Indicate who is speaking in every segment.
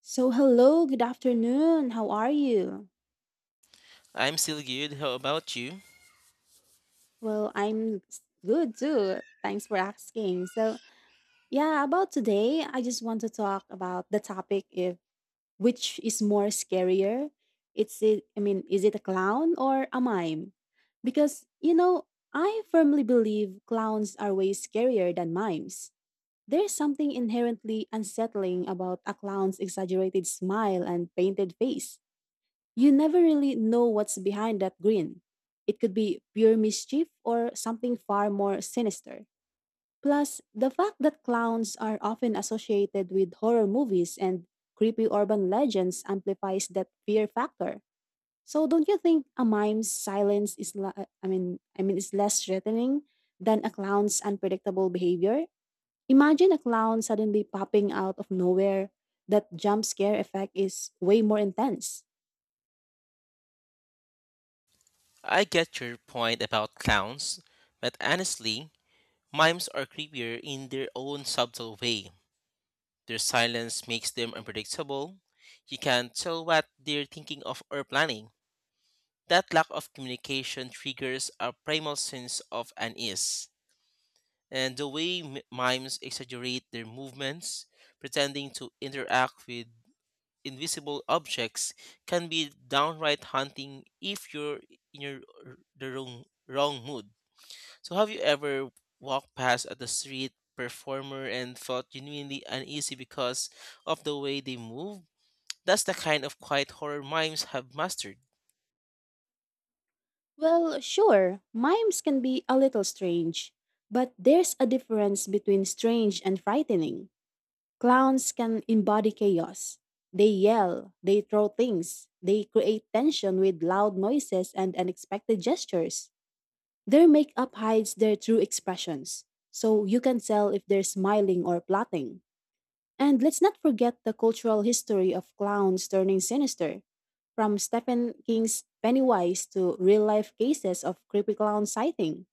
Speaker 1: So, hello, good afternoon. How are you?
Speaker 2: I'm still good. How about you?
Speaker 1: Well, I'm good too. Thanks for asking. So, yeah, about today, I just want to talk about the topic if which is more scarier. It's it, I mean, is it a clown or a mime? Because, I firmly believe clowns are way scarier than mimes. There's something inherently unsettling about a clown's exaggerated smile and painted face. You never really know what's behind that grin. It could be pure mischief or something far more sinister. Plus, the fact that clowns are often associated with horror movies and creepy urban legends amplifies that fear factor. So, don't you think a mime's silence is la- I mean is less threatening than a clown's unpredictable behavior? Imagine a clown suddenly popping out of nowhere. That jump scare effect is way more intense.
Speaker 2: I get your point about clowns, but honestly, mimes are creepier in their own subtle way. Their silence makes them unpredictable. You can't tell what they're thinking of or planning. That lack of communication triggers a primal sense of unease. And the way mimes exaggerate their movements, pretending to interact with invisible objects can be downright haunting if you're in your the wrong mood. So have you ever walked past at the street performer and felt genuinely uneasy because of the way they move? That's the kind of quiet horror mimes have mastered.
Speaker 1: Well, sure, mimes can be a little strange, but there's a difference between strange and frightening. Clowns can embody chaos. They yell, they throw things, they create tension with loud noises and unexpected gestures. Their makeup hides their true expressions, so you can tell if they're smiling or plotting. And let's not forget the cultural history of clowns turning sinister. From Stephen King's Pennywise to real life cases of creepyclown sighting.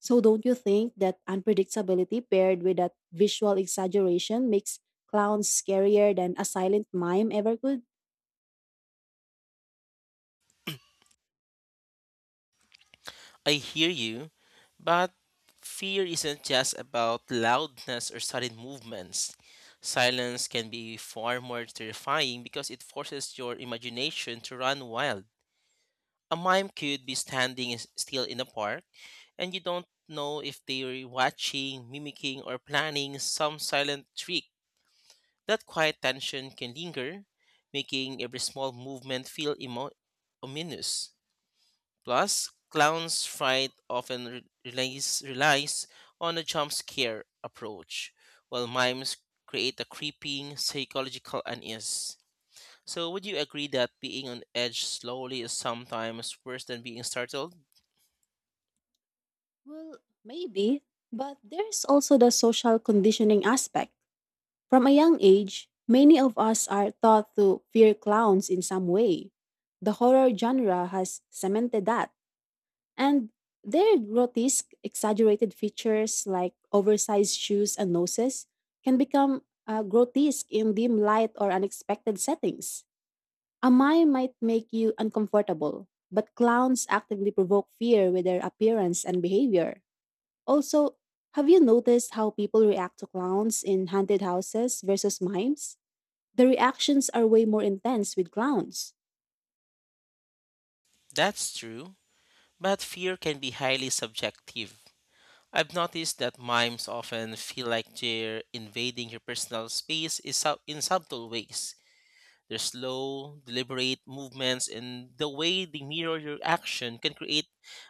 Speaker 1: So, don't you think that unpredictability paired with that visual exaggeration makes clowns scarier than a silent mime ever could?
Speaker 2: I hear you, but fear isn't just about loudness or sudden movements. Silence can be far more terrifying because it forces your imagination to run wild. A mime could be still in a park, and you don't know if they're watching, mimicking, or planning some silent trick. That quiet tension can linger, making every small movement feel ominous. Plus, clowns' fright often relies on a jump scare approach, while mimes create a creeping psychological unease. So, would you agree that being on edge slowly is sometimes worse than being startled?
Speaker 1: Well, maybe, but there's also the social conditioning aspect. From a young age, many of us are taught to fear clowns in some way. The horror genre has cemented that. And their grotesque, exaggerated features like oversized shoes and noses can become grotesque in dim light or unexpected settings. A mime might make you uncomfortable, but clowns actively provoke fear with their appearance and behavior. Also, have you noticed how people react to clowns in haunted houses versus mimes? The reactions are way more intense with clowns.
Speaker 2: That's true, but fear can be highly subjective. I've noticed that mimes often feel like they're invading your personal in subtle ways. Their slow, deliberate movements and the way they mirror your action can create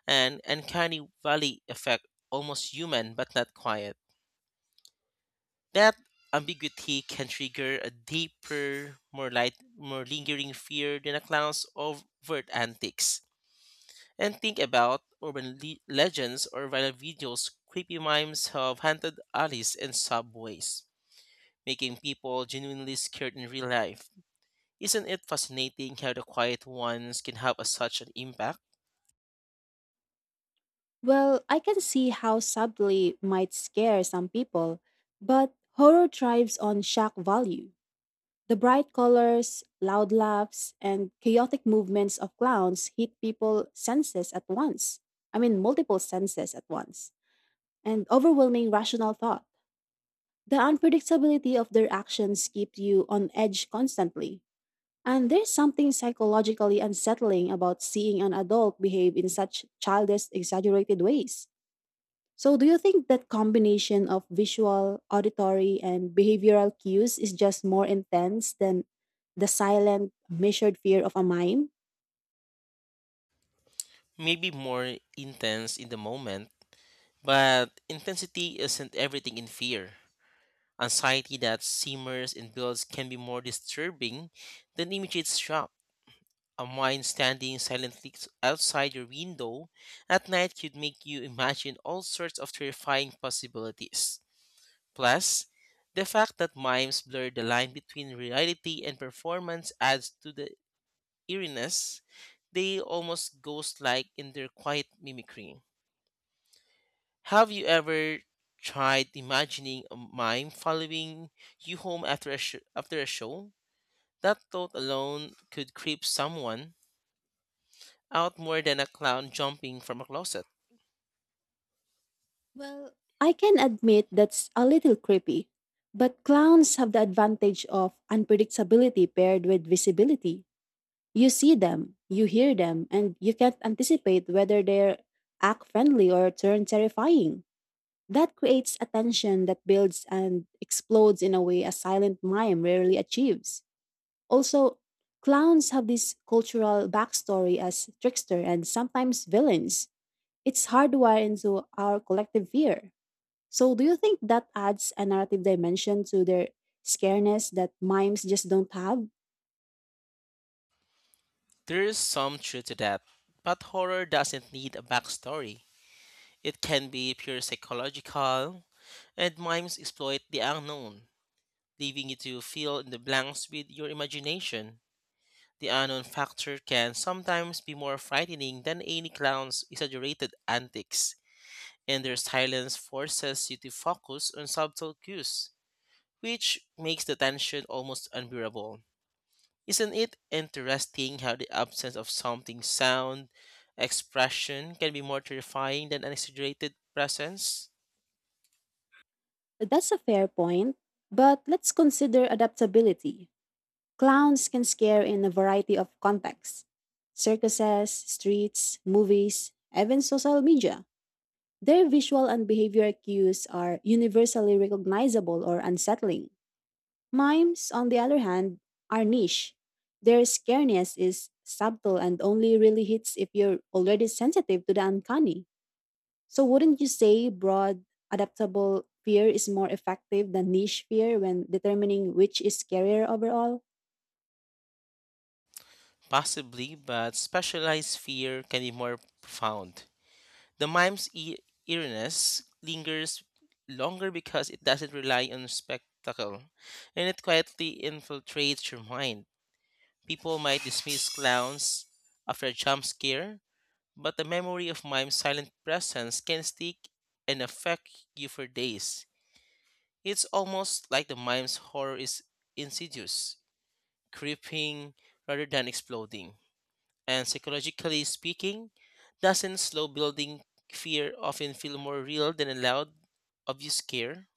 Speaker 2: an uncanny valley effect, almost human but not quiet. That ambiguity can trigger a deeper, more lingering fear than a clown's overt antics. And think about urban legends or viral videos. Creepy mimes have haunted alleys and subways, making people genuinely scared in real life. Isn't it fascinating how the quiet ones can have such an impact?
Speaker 1: Well, I can see how subtly might scare some people, but horror thrives on shock value. The bright colors, loud laughs, and chaotic movements of clowns hit people senses at once. I mean, multiple senses at once, and overwhelming rational thought. The unpredictability of their actions keeps you on edge constantly. And there's something psychologically unsettling about seeing an adult behave in such childish, exaggerated ways. So, do you think that combination of visual, auditory, and behavioral cues is just more intense than the silent, measured fear of a mime?
Speaker 2: Maybe more intense in the moment, but intensity isn't everything in fear. Anxiety that simmers and builds can be more disturbing than immediate shock. A mind standing silently outside your window at night could make you imagine all sorts of terrifying possibilities. Plus, the fact that mimes blur the line between reality and performance adds to the eeriness, they almost ghost like in their quiet mimicry. Have you ever tried imagining a mime following you home after a show? That thought alone could creep someone out more than a clown jumping from a closet.
Speaker 1: Well, I can admit that's a little creepy, but clowns have the advantage of unpredictability paired with visibility. You see them, you hear them, and you can't anticipate whether they act friendly or turn terrifying. That creates a tension that builds and explodes in a way a silent mime rarely achieves. Also, clowns have this cultural backstory as trickster and sometimes villains. It's hardwired into our collective fear. So, do you think that adds a narrative dimension to their scareness that mimes just don't have?
Speaker 2: There is some truth to that, but horror doesn't need a backstory. It can be pure psychological, and mimes exploit the unknown, leaving you to fill in the blanks with your imagination. The unknown factor can sometimes be more frightening than any clown's exaggerated antics, and their silence forces you to focus on subtle cues, which makes the tension almost unbearable. Isn't it interesting how the absence of something sound, expression can be more terrifying than an exaggerated presence?
Speaker 1: That's a fair point. But let's consider adaptability. Clowns can scare in a variety of contexts: circuses, streets, movies, even social media. Their visual and behavior cues are universally recognizable or unsettling. Mimes, on the other hand, are niche. Their scariness is subtle and only really hits if you're already sensitive to the uncanny. So, wouldn't you say broad, adaptable fear is more effective than niche fear when determining which is scarier overall?
Speaker 2: Possibly, but specialized fear can be more profound. The eeriness lingers longer because it doesn't rely on spectacle, and it quietly infiltrates your mind. People might dismiss clowns after a jump scare, but the memory of mime's silent presence can stick and affect you for days. It's almost like the mime's horror is insidious, creeping rather than exploding. And psychologically speaking, doesn't slow building fear often feel more real than a loud, obvious scare?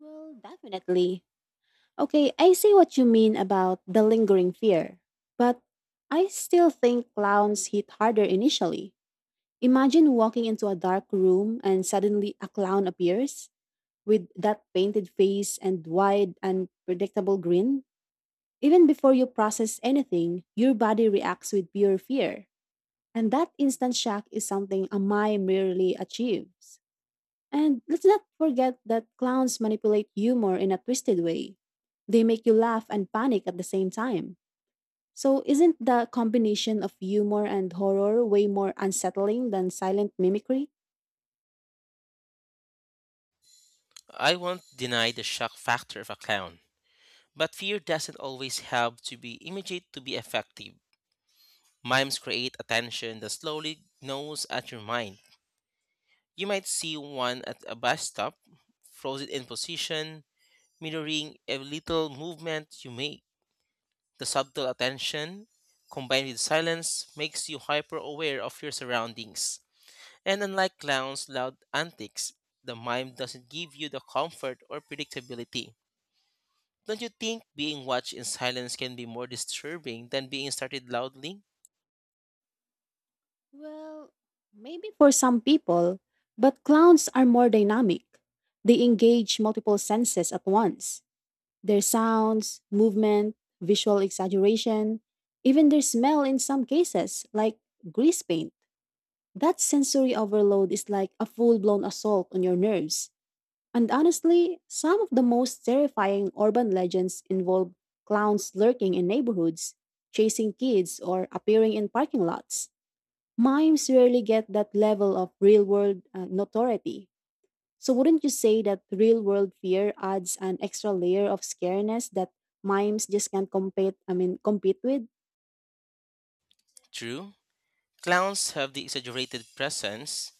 Speaker 1: Well, definitely. Okay, I see what you mean about the lingering fear, but I still think clowns hit harder initially. Imagine walking into a dark room and suddenly a clown appears with that painted face and wide, unpredictable grin. Even before you process anything, your body reacts with pure fear, and that instant shock is something a mime rarely achieves. And let's not forget that clowns manipulate humor in a twisted way. They make you laugh and panic at the same time. So, isn't the combination of humor and horror way more unsettling than silent mimicry?
Speaker 2: I won't deny the shock factor of a clown, but fear doesn't always have to be immediate to be effective. Mimes create attention that slowly gnaws at your mind. You might see one at a bus stop, frozen in position, mirroring a little movement you make. The subtle attention, combined with silence, makes you hyper aware of your surroundings. And unlike clowns' loud antics, the mime doesn't give you the comfort or predictability. Don't you think being watched in silence can be more disturbing than being started loudly?
Speaker 1: Well, maybe for some people, but clowns are more dynamic. They engage multiple senses at once: their sounds, movement, visual exaggeration, even their smell in some cases, like grease paint. That sensory overload is like a full blown assault on your nerves. And honestly, some of the most terrifying urban legends involve clowns lurking in neighborhoods, chasing kids, or appearing in parking lots. Mimes rarely get that level of real world notoriety. So, wouldn't you say that real world fear adds an extra layer of scariness that mimes just can't compete with?
Speaker 2: True, clowns have the exaggerated presence,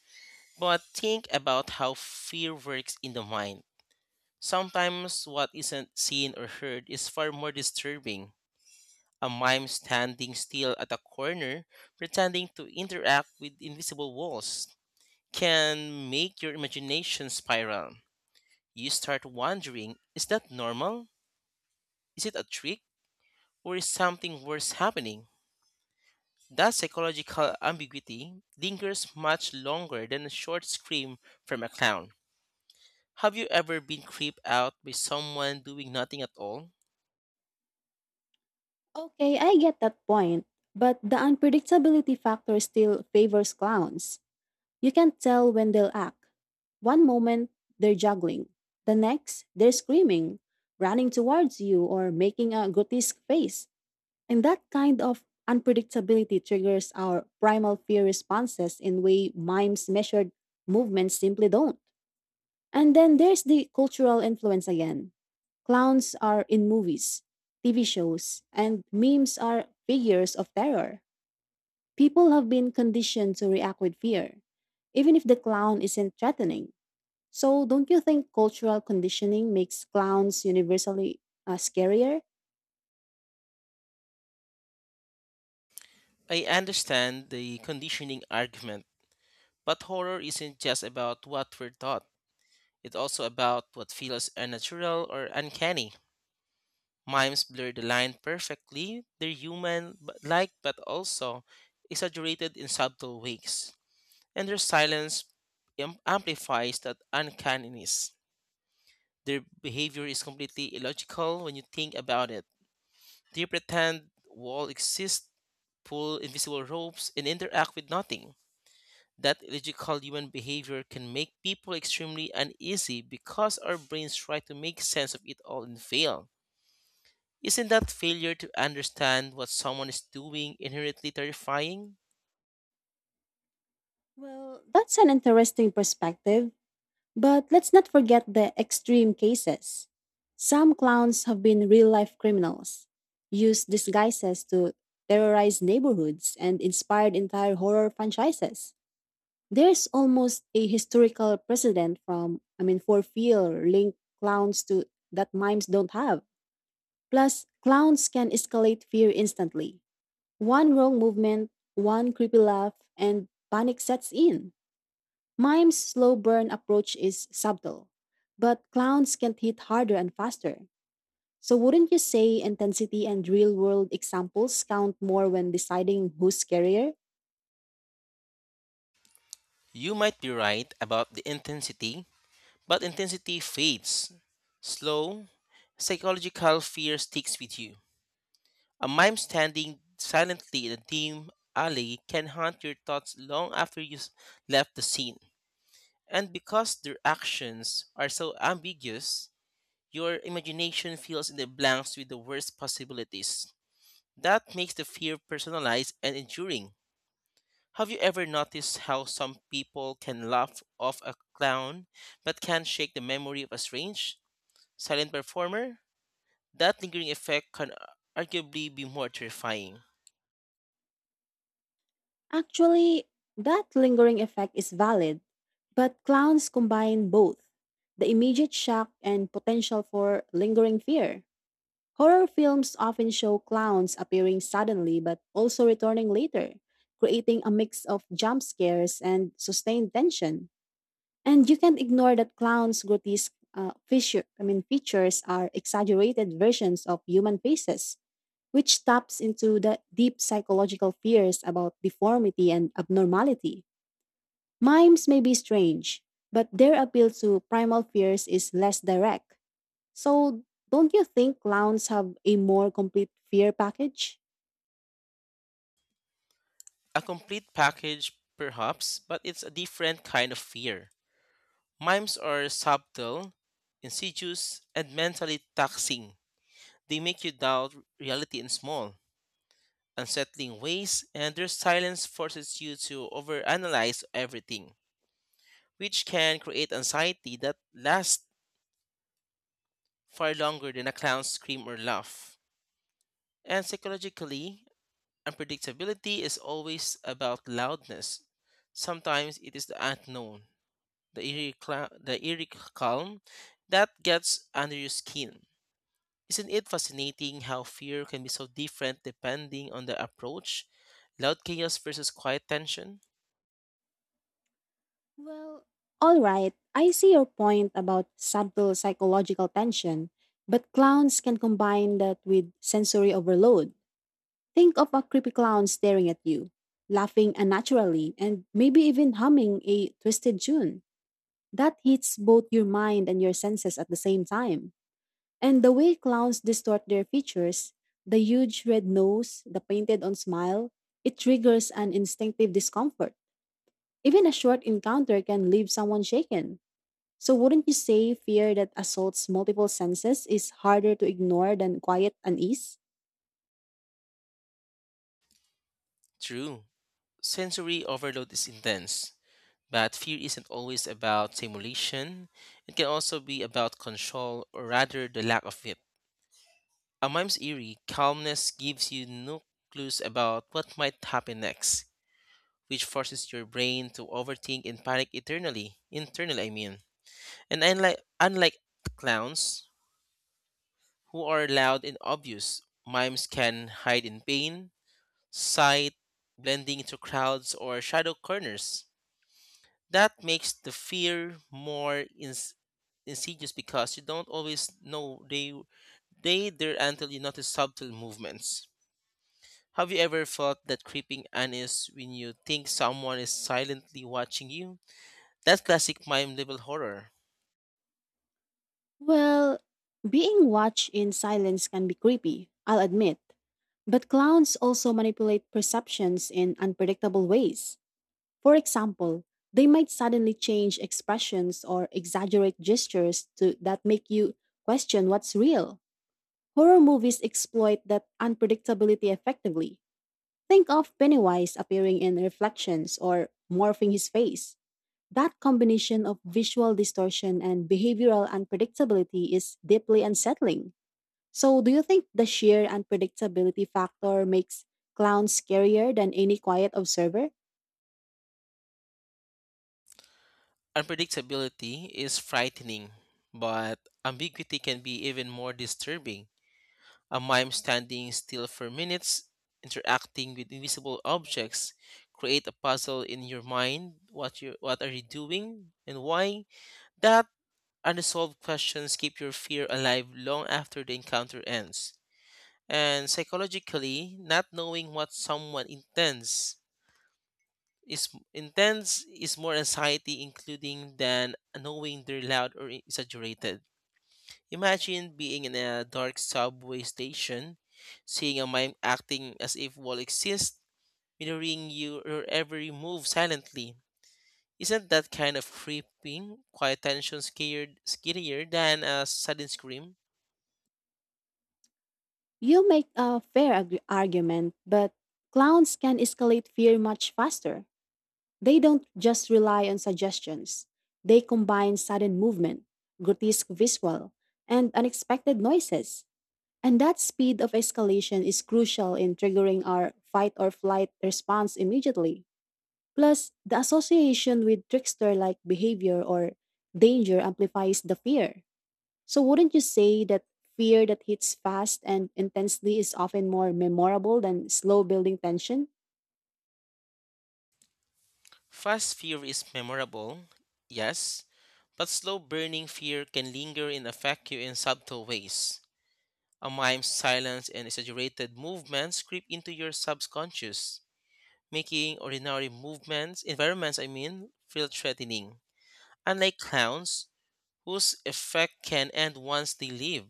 Speaker 2: but think about how fear works in the mind. Sometimes what isn't seen or heard is far more disturbing. A mime standing still at a corner, pretending to interact with invisible walls, can make your imagination spiral. You start wondering, is that normal? Is it a trick? Or is something worse happening? That psychological ambiguity lingers much longer than a short scream from a clown. Have you ever been creeped out by someone doing nothing at all?
Speaker 1: Okay, I get that point, but the unpredictability factor still favors clowns. You can't tell when they'll act. One moment, they're juggling. The next, they're screaming, running towards you, or making a grotesque face. And that kind of unpredictability triggers our primal fear responses in way mimes measured movements simply don't. And then there's the cultural influence again. Clowns are in movies, TV shows, and memes are figures of terror. People have been conditioned to react with fear, even if the clown isn't threatening. So, don't you think cultural conditioning makes clowns universally scarier?
Speaker 2: I understand the conditioning argument, but horror isn't just about what we're taught. It's also about what feels unnatural or uncanny. Mimes blur the line perfectly. They're human but also exaggerated in subtle ways. And their silence amplifies that uncanniness. Their behavior is completely illogical when you think about it. They pretend wall exists, pull invisible ropes, and interact with nothing. That illogical human behavior can make people extremely uneasy because our brains try to make sense of it all and fail. Isn't that failure to understand what someone is doing inherently terrifying?
Speaker 1: Well, that's an interesting perspective. But let's not forget the extreme cases. Some clowns have been real life criminals, used disguises to terrorize neighborhoods, and inspired entire horror franchises. There's almost a historical precedent for fear linked clowns to that mimes don't have. Plus, clowns can escalate fear instantly. One wrong movement, one creepy laugh, and panic sets in. Mime's slow burn approach is subtle, but clowns can hit harder and faster. So, wouldn't you say intensity and real world examples count more when deciding who's scarier?
Speaker 2: You might be right about the intensity, but intensity fades. Slow, psychological fear sticks with you. A mime standing silently in a dim alley can haunt your thoughts long after you've left the scene. And because their actions are so ambiguous, your imagination fills in the blanks with the worst possibilities. That makes the fear personalized and enduring. Have you ever noticed how some people can laugh off a clown but can't shake the memory of a strange, silent performer? That lingering effect can arguably be more terrifying.
Speaker 1: Actually, that lingering effect is valid, but clowns combine both the immediate shock and potential for lingering fear. Horror films often show clowns appearing suddenly but also returning later, creating a mix of jump scares and sustained tension. And you can't ignore that clowns' grotesque features are exaggerated versions of human faces, which taps into the deep psychological fears about deformity and abnormality. Mimes may be strange, but their appeal to primal fears is less direct. So, don't you think clowns have a more complete fear package?
Speaker 2: A complete package, perhaps, but it's a different kind of fear. Mimes are subtle, insidious, and mentally taxing. They make you doubt reality in small, unsettling ways, and their silence forces you to overanalyze everything, which can create anxiety that lasts far longer than a clown's scream or laugh. And psychologically, unpredictability is always about loudness. Sometimes it is the unknown, the the eerie calm that gets under your skin. Isn't it fascinating how fear can be so different depending on the approach? Loud chaos versus quiet tension?
Speaker 1: Well, all right. I see your point about subtle psychological tension, but clowns can combine that with sensory overload. Think of a creepy clown staring at you, laughing unnaturally, and maybe even humming a twisted tune. That hits both your mind and your senses at the same time. And the way clowns distort their features, the huge red nose, the painted on smile, it triggers an instinctive discomfort. Even a short encounter can leave someone shaken. So, wouldn't you say fear that assaults multiple senses is harder to ignore than quiet unease?
Speaker 2: True, sensory overload is intense, but fear isn't always about simulation. It can also be about control, or rather, the lack of it. A mime's eerie calmness gives you no clues about what might happen next, which forces your brain to overthink and panic eternally. Internally, I mean. And unlike clowns, who are loud and obvious, mimes can hide in pain, sight, blending into crowds or shadow corners. That makes the fear more insidious because you don't always know they there until you notice subtle movements. Have you ever felt that creeping unease when you think someone is silently watching you? That's classic mime level horror.
Speaker 1: Well, being watched in silence can be creepy, I'll admit. But clowns also manipulate perceptions in unpredictable ways. For example, they might suddenly change expressions or exaggerate gestures that make you question what's real. Horror movies exploit that unpredictability effectively. Think of Pennywise appearing in reflections or morphing his face. That combination of visual distortion and behavioral unpredictability is deeply unsettling. So, do you think the sheer unpredictability factor makes clowns scarier than any quiet observer?
Speaker 2: Unpredictability is frightening, but ambiguity can be even more disturbing. A mime standing still for minutes, interacting with invisible objects, create a puzzle in your mind. What are you doing and why? That unresolved questions keep your fear alive long after the encounter ends. And psychologically, not knowing what someone intends is more anxiety including than knowing they're loud or exaggerated. Imagine being in a dark subway station, seeing a mime acting as if wall exists, mirroring you or every move silently. Isn't that kind of creeping, quiet tension scared scarier than a sudden scream?
Speaker 1: You make a fair argument, but clowns can escalate fear much faster. They don't just rely on suggestions, they combine sudden movement, grotesque visual, and unexpected noises. And that speed of escalation is crucial in triggering our fight or flight response immediately. Plus, the association with trickster like behavior or danger amplifies the fear. So, wouldn't you say that fear that hits fast and intensely is often more memorable than slow building tension?
Speaker 2: Fast fear is memorable, yes, but slow burning fear can linger and affect you in subtle ways. A mime's silence and exaggerated movements creep into your subconscious, making ordinary movements, environments I mean, feel threatening. Unlike clowns, whose effect can end once they leave,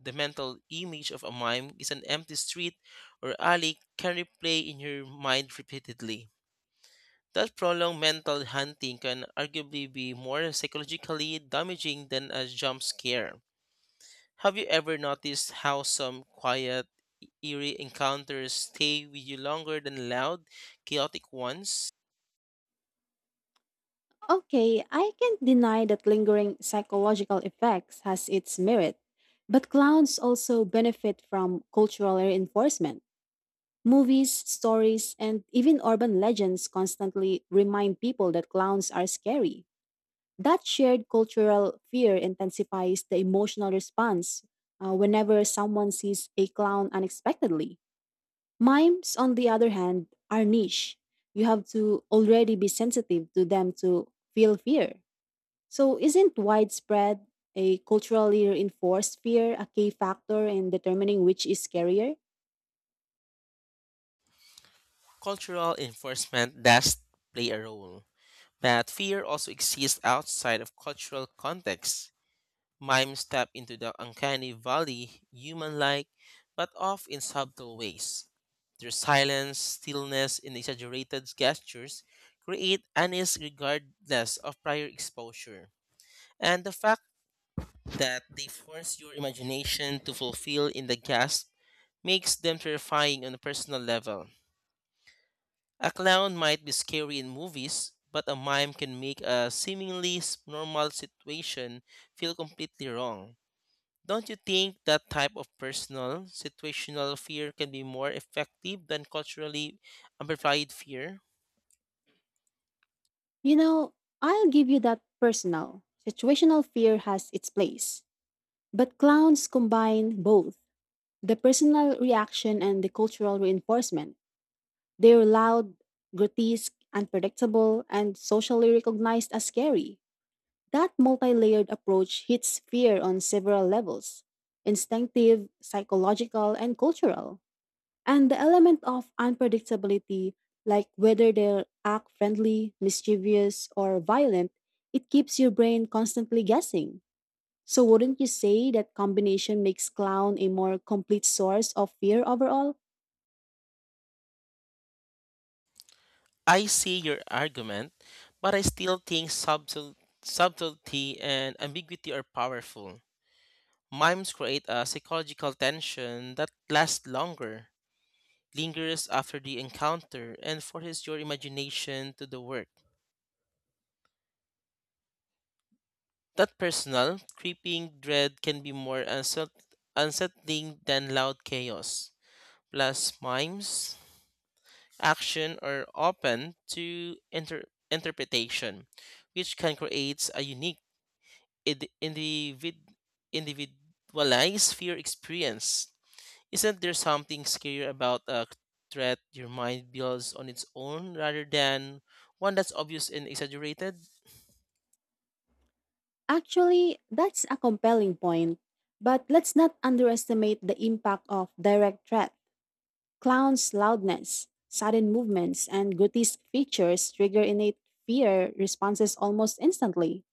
Speaker 2: the mental image of a mime is an empty street or alley can replay in your mind repeatedly. That prolonged mental hunting can arguably be more psychologically damaging than a jump scare. Have you ever noticed how some quiet, eerie encounters stay with you longer than loud, chaotic ones?
Speaker 1: Okay, I can't deny that lingering psychological effects has its merit, but clowns also benefit from cultural reinforcement. Movies, stories, and even urban legends constantly remind people that clowns are scary. That shared cultural fear intensifies the emotional response whenever someone sees a clown unexpectedly. Mimes, on the other hand, are niche. You have to already be sensitive to them to feel fear. So, isn't widespread a culturally reinforced fear a key factor in determining which is scarier?
Speaker 2: Cultural enforcement does play a role, but fear also exists outside of cultural contexts. Mime step into the uncanny valley, human like, but off in subtle ways. Their silence, stillness, and exaggerated gestures create unease regardless of prior exposure. And the fact that they force your imagination to fulfill in the gasp makes them terrifying on a personal level. A clown might be scary in movies, but a mime can make a normal situation feel completely wrong. Don't you think that type of personal, situational fear can be more effective than culturally amplified fear?
Speaker 1: You know, I'll give you that personal, situational fear has its place. But clowns combine both the personal reaction and the cultural reinforcement. They're loud, grotesque, unpredictable, and socially recognized as scary. That multi layered approach hits fear on several levels: instinctive, psychological, and cultural. And the element of unpredictability, like whether they'll act friendly, mischievous, or violent, it keeps your brain constantly guessing. So, wouldn't you say that combination makes clown a more complete source of fear overall?
Speaker 2: I see your argument, but I still think subtlety and ambiguity are powerful. Mimes create a psychological tension that lasts longer, lingers after the encounter and forces your imagination to the work. That personal, creeping dread can be more unsettling than loud chaos. Plus, mimes, action are open to interpretation, which can create a unique id- individ- individualized fear experience. Isn't there something scarier about a threat your mind builds on its own rather than one that's obvious and exaggerated?
Speaker 1: Actually, that's a compelling point. But let's not underestimate the impact of direct threat. Clown's loudness, sudden movements, and grotesque features trigger innate fear responses almost instantly.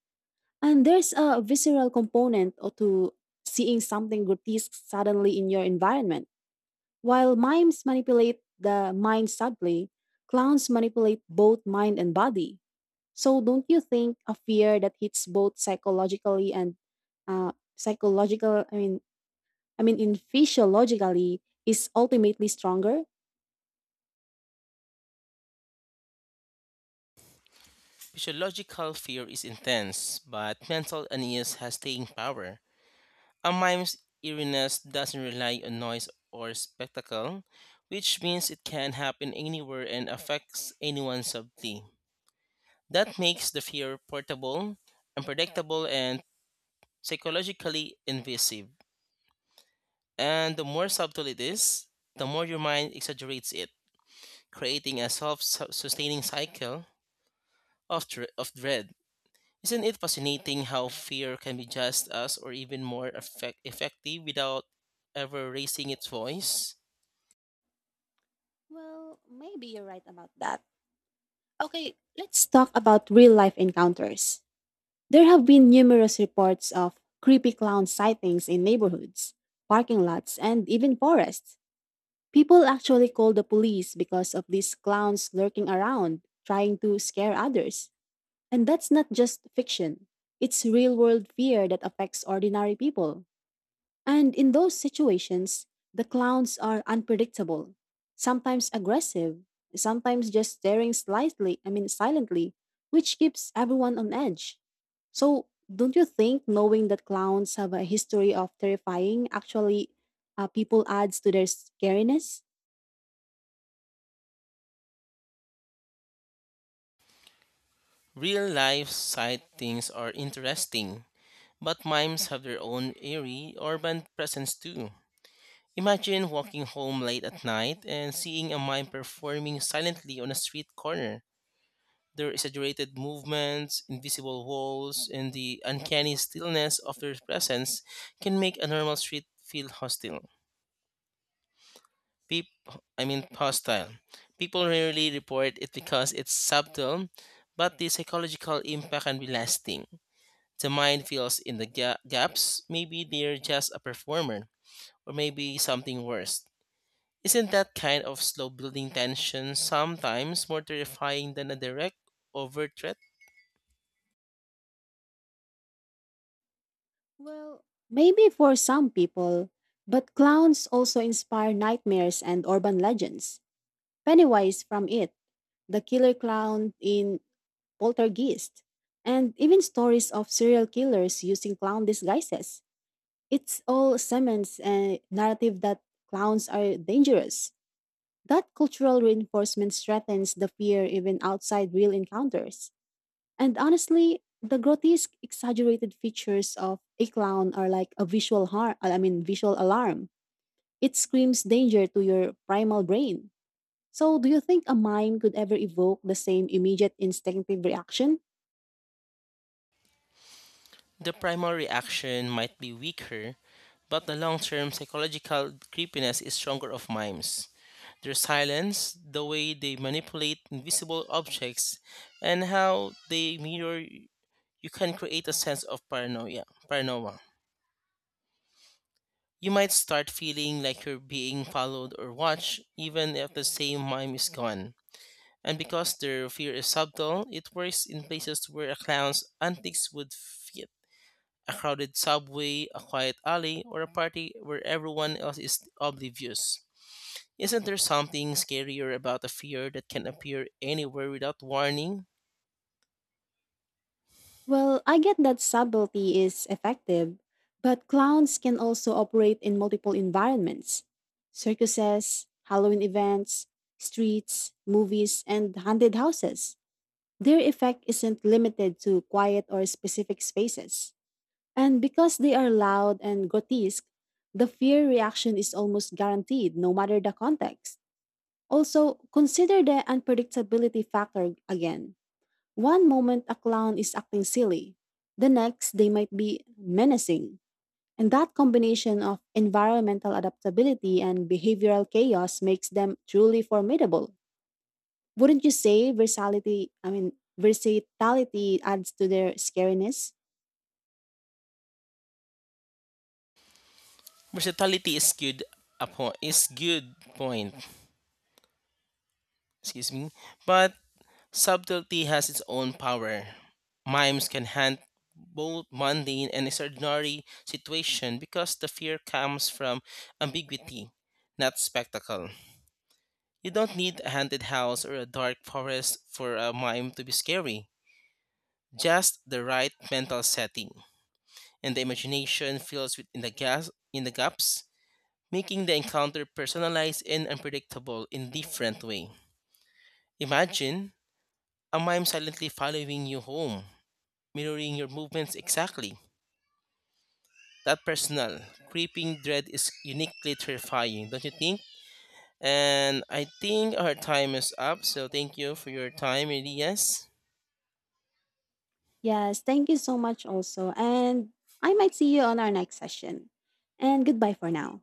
Speaker 1: And there's a visceral component to seeing something grotesque suddenly in your environment. While mimes manipulate the mind subtly, clowns manipulate both mind and body. So don't you think a fear that hits both psychologically and uh, psychological, I mean in physiologically is ultimately stronger?
Speaker 2: Physiological fear is intense, but mental unease has staying power. A mime's eeriness doesn't rely on noise or spectacle, which means it can happen anywhere and affects anyone subtly. That makes the fear portable, unpredictable, and psychologically invasive. And the more subtle it is, the more your mind exaggerates it, creating a self sustaining cycle of dread. Isn't it fascinating how fear can be just as or even more effective without ever raising its voice?
Speaker 1: Well, maybe you're right about that. Okay, let's talk about real life encounters. There have been numerous reports of creepy clown sightings in neighborhoods, parking lots, and even forests. People actually call the police because of these clowns lurking around, trying to scare others. And that's not just fiction, it's real world fear that affects ordinary people. And in those situations, the clowns are unpredictable, sometimes aggressive, sometimes just staring slightly, I mean silently, which keeps everyone on edge. So, don't you think knowing that clowns have a history of terrifying actually people adds to their scariness?
Speaker 2: Real life sightings are interesting, but mimes have their own eerie urban presence too. Imagine walking home late at night and seeing a mime performing silently on a street corner. Their exaggerated movements, invisible walls, and the uncanny stillness of their presence can make a normal street feel hostile. Peep, I mean hostile. People rarely report it because it's subtle, but the psychological impact can be lasting. The mind fills in the gaps. Maybe they're just a performer, or maybe something worse. Isn't that kind of slow building tension sometimes more terrifying than a direct, overt threat?
Speaker 1: Well, maybe for some people, but clowns also inspire nightmares and urban legends. Pennywise from it, the killer clown in poltergeists, and even stories of serial killers using clown disguises. It's all cements a narrative that clowns are dangerous. That cultural reinforcement strengthens the fear even outside real encounters. And honestly, the grotesque, exaggerated features of a clown are like a visual harm, I mean, visual alarm. It screams danger to your primal brain. So, do you think a mime could ever evoke the same immediate instinctive reaction?
Speaker 2: The primary reaction might be weaker, but the long term psychological creepiness is stronger of mimes. Their silence, the way they manipulate invisible objects, and how they mirror you can create a sense of paranoia. Paranoia. You might start feeling like you're being followed or watched, even if the same mime is gone. And because their fear is subtle, it works in places where a clown's antics would fit a crowded subway, a quiet alley, or a party where everyone else is oblivious. Isn't there something scarier about a fear that can appear anywhere without warning?
Speaker 1: Well, I get that subtlety is effective, but clowns can also operate in multiple environments: circuses, Halloween events, streets, movies, and haunted houses. Their effect isn't limited to quiet or specific spaces. And because they are loud and grotesque, the fear reaction is almost guaranteed no matter the context. Also, consider the unpredictability factor again. One moment a clown is acting silly, the next they might be menacing. And that combination of environmental adaptability and behavioral chaos makes them truly formidable. Wouldn't you say versatility adds to their scariness?
Speaker 2: Versatility is good a is good point. Excuse me. But subtlety has its own power. Mimes can handle both mundane and extraordinary situation because the fear comes from ambiguity, not spectacle. You don't need a haunted house or a dark forest for a mime to be scary. Just the right mental setting. And the imagination fills within the gas in the gaps, making the encounter personalized and unpredictable in different way. Imagine a mime silently following you home mirroring your movements exactly. That personal, creeping dread is uniquely terrifying, don't you think? And I think our time is up, so thank you for your time, Elias.
Speaker 1: Yes, thank you so much also. And I might see you on our next session. And goodbye for now.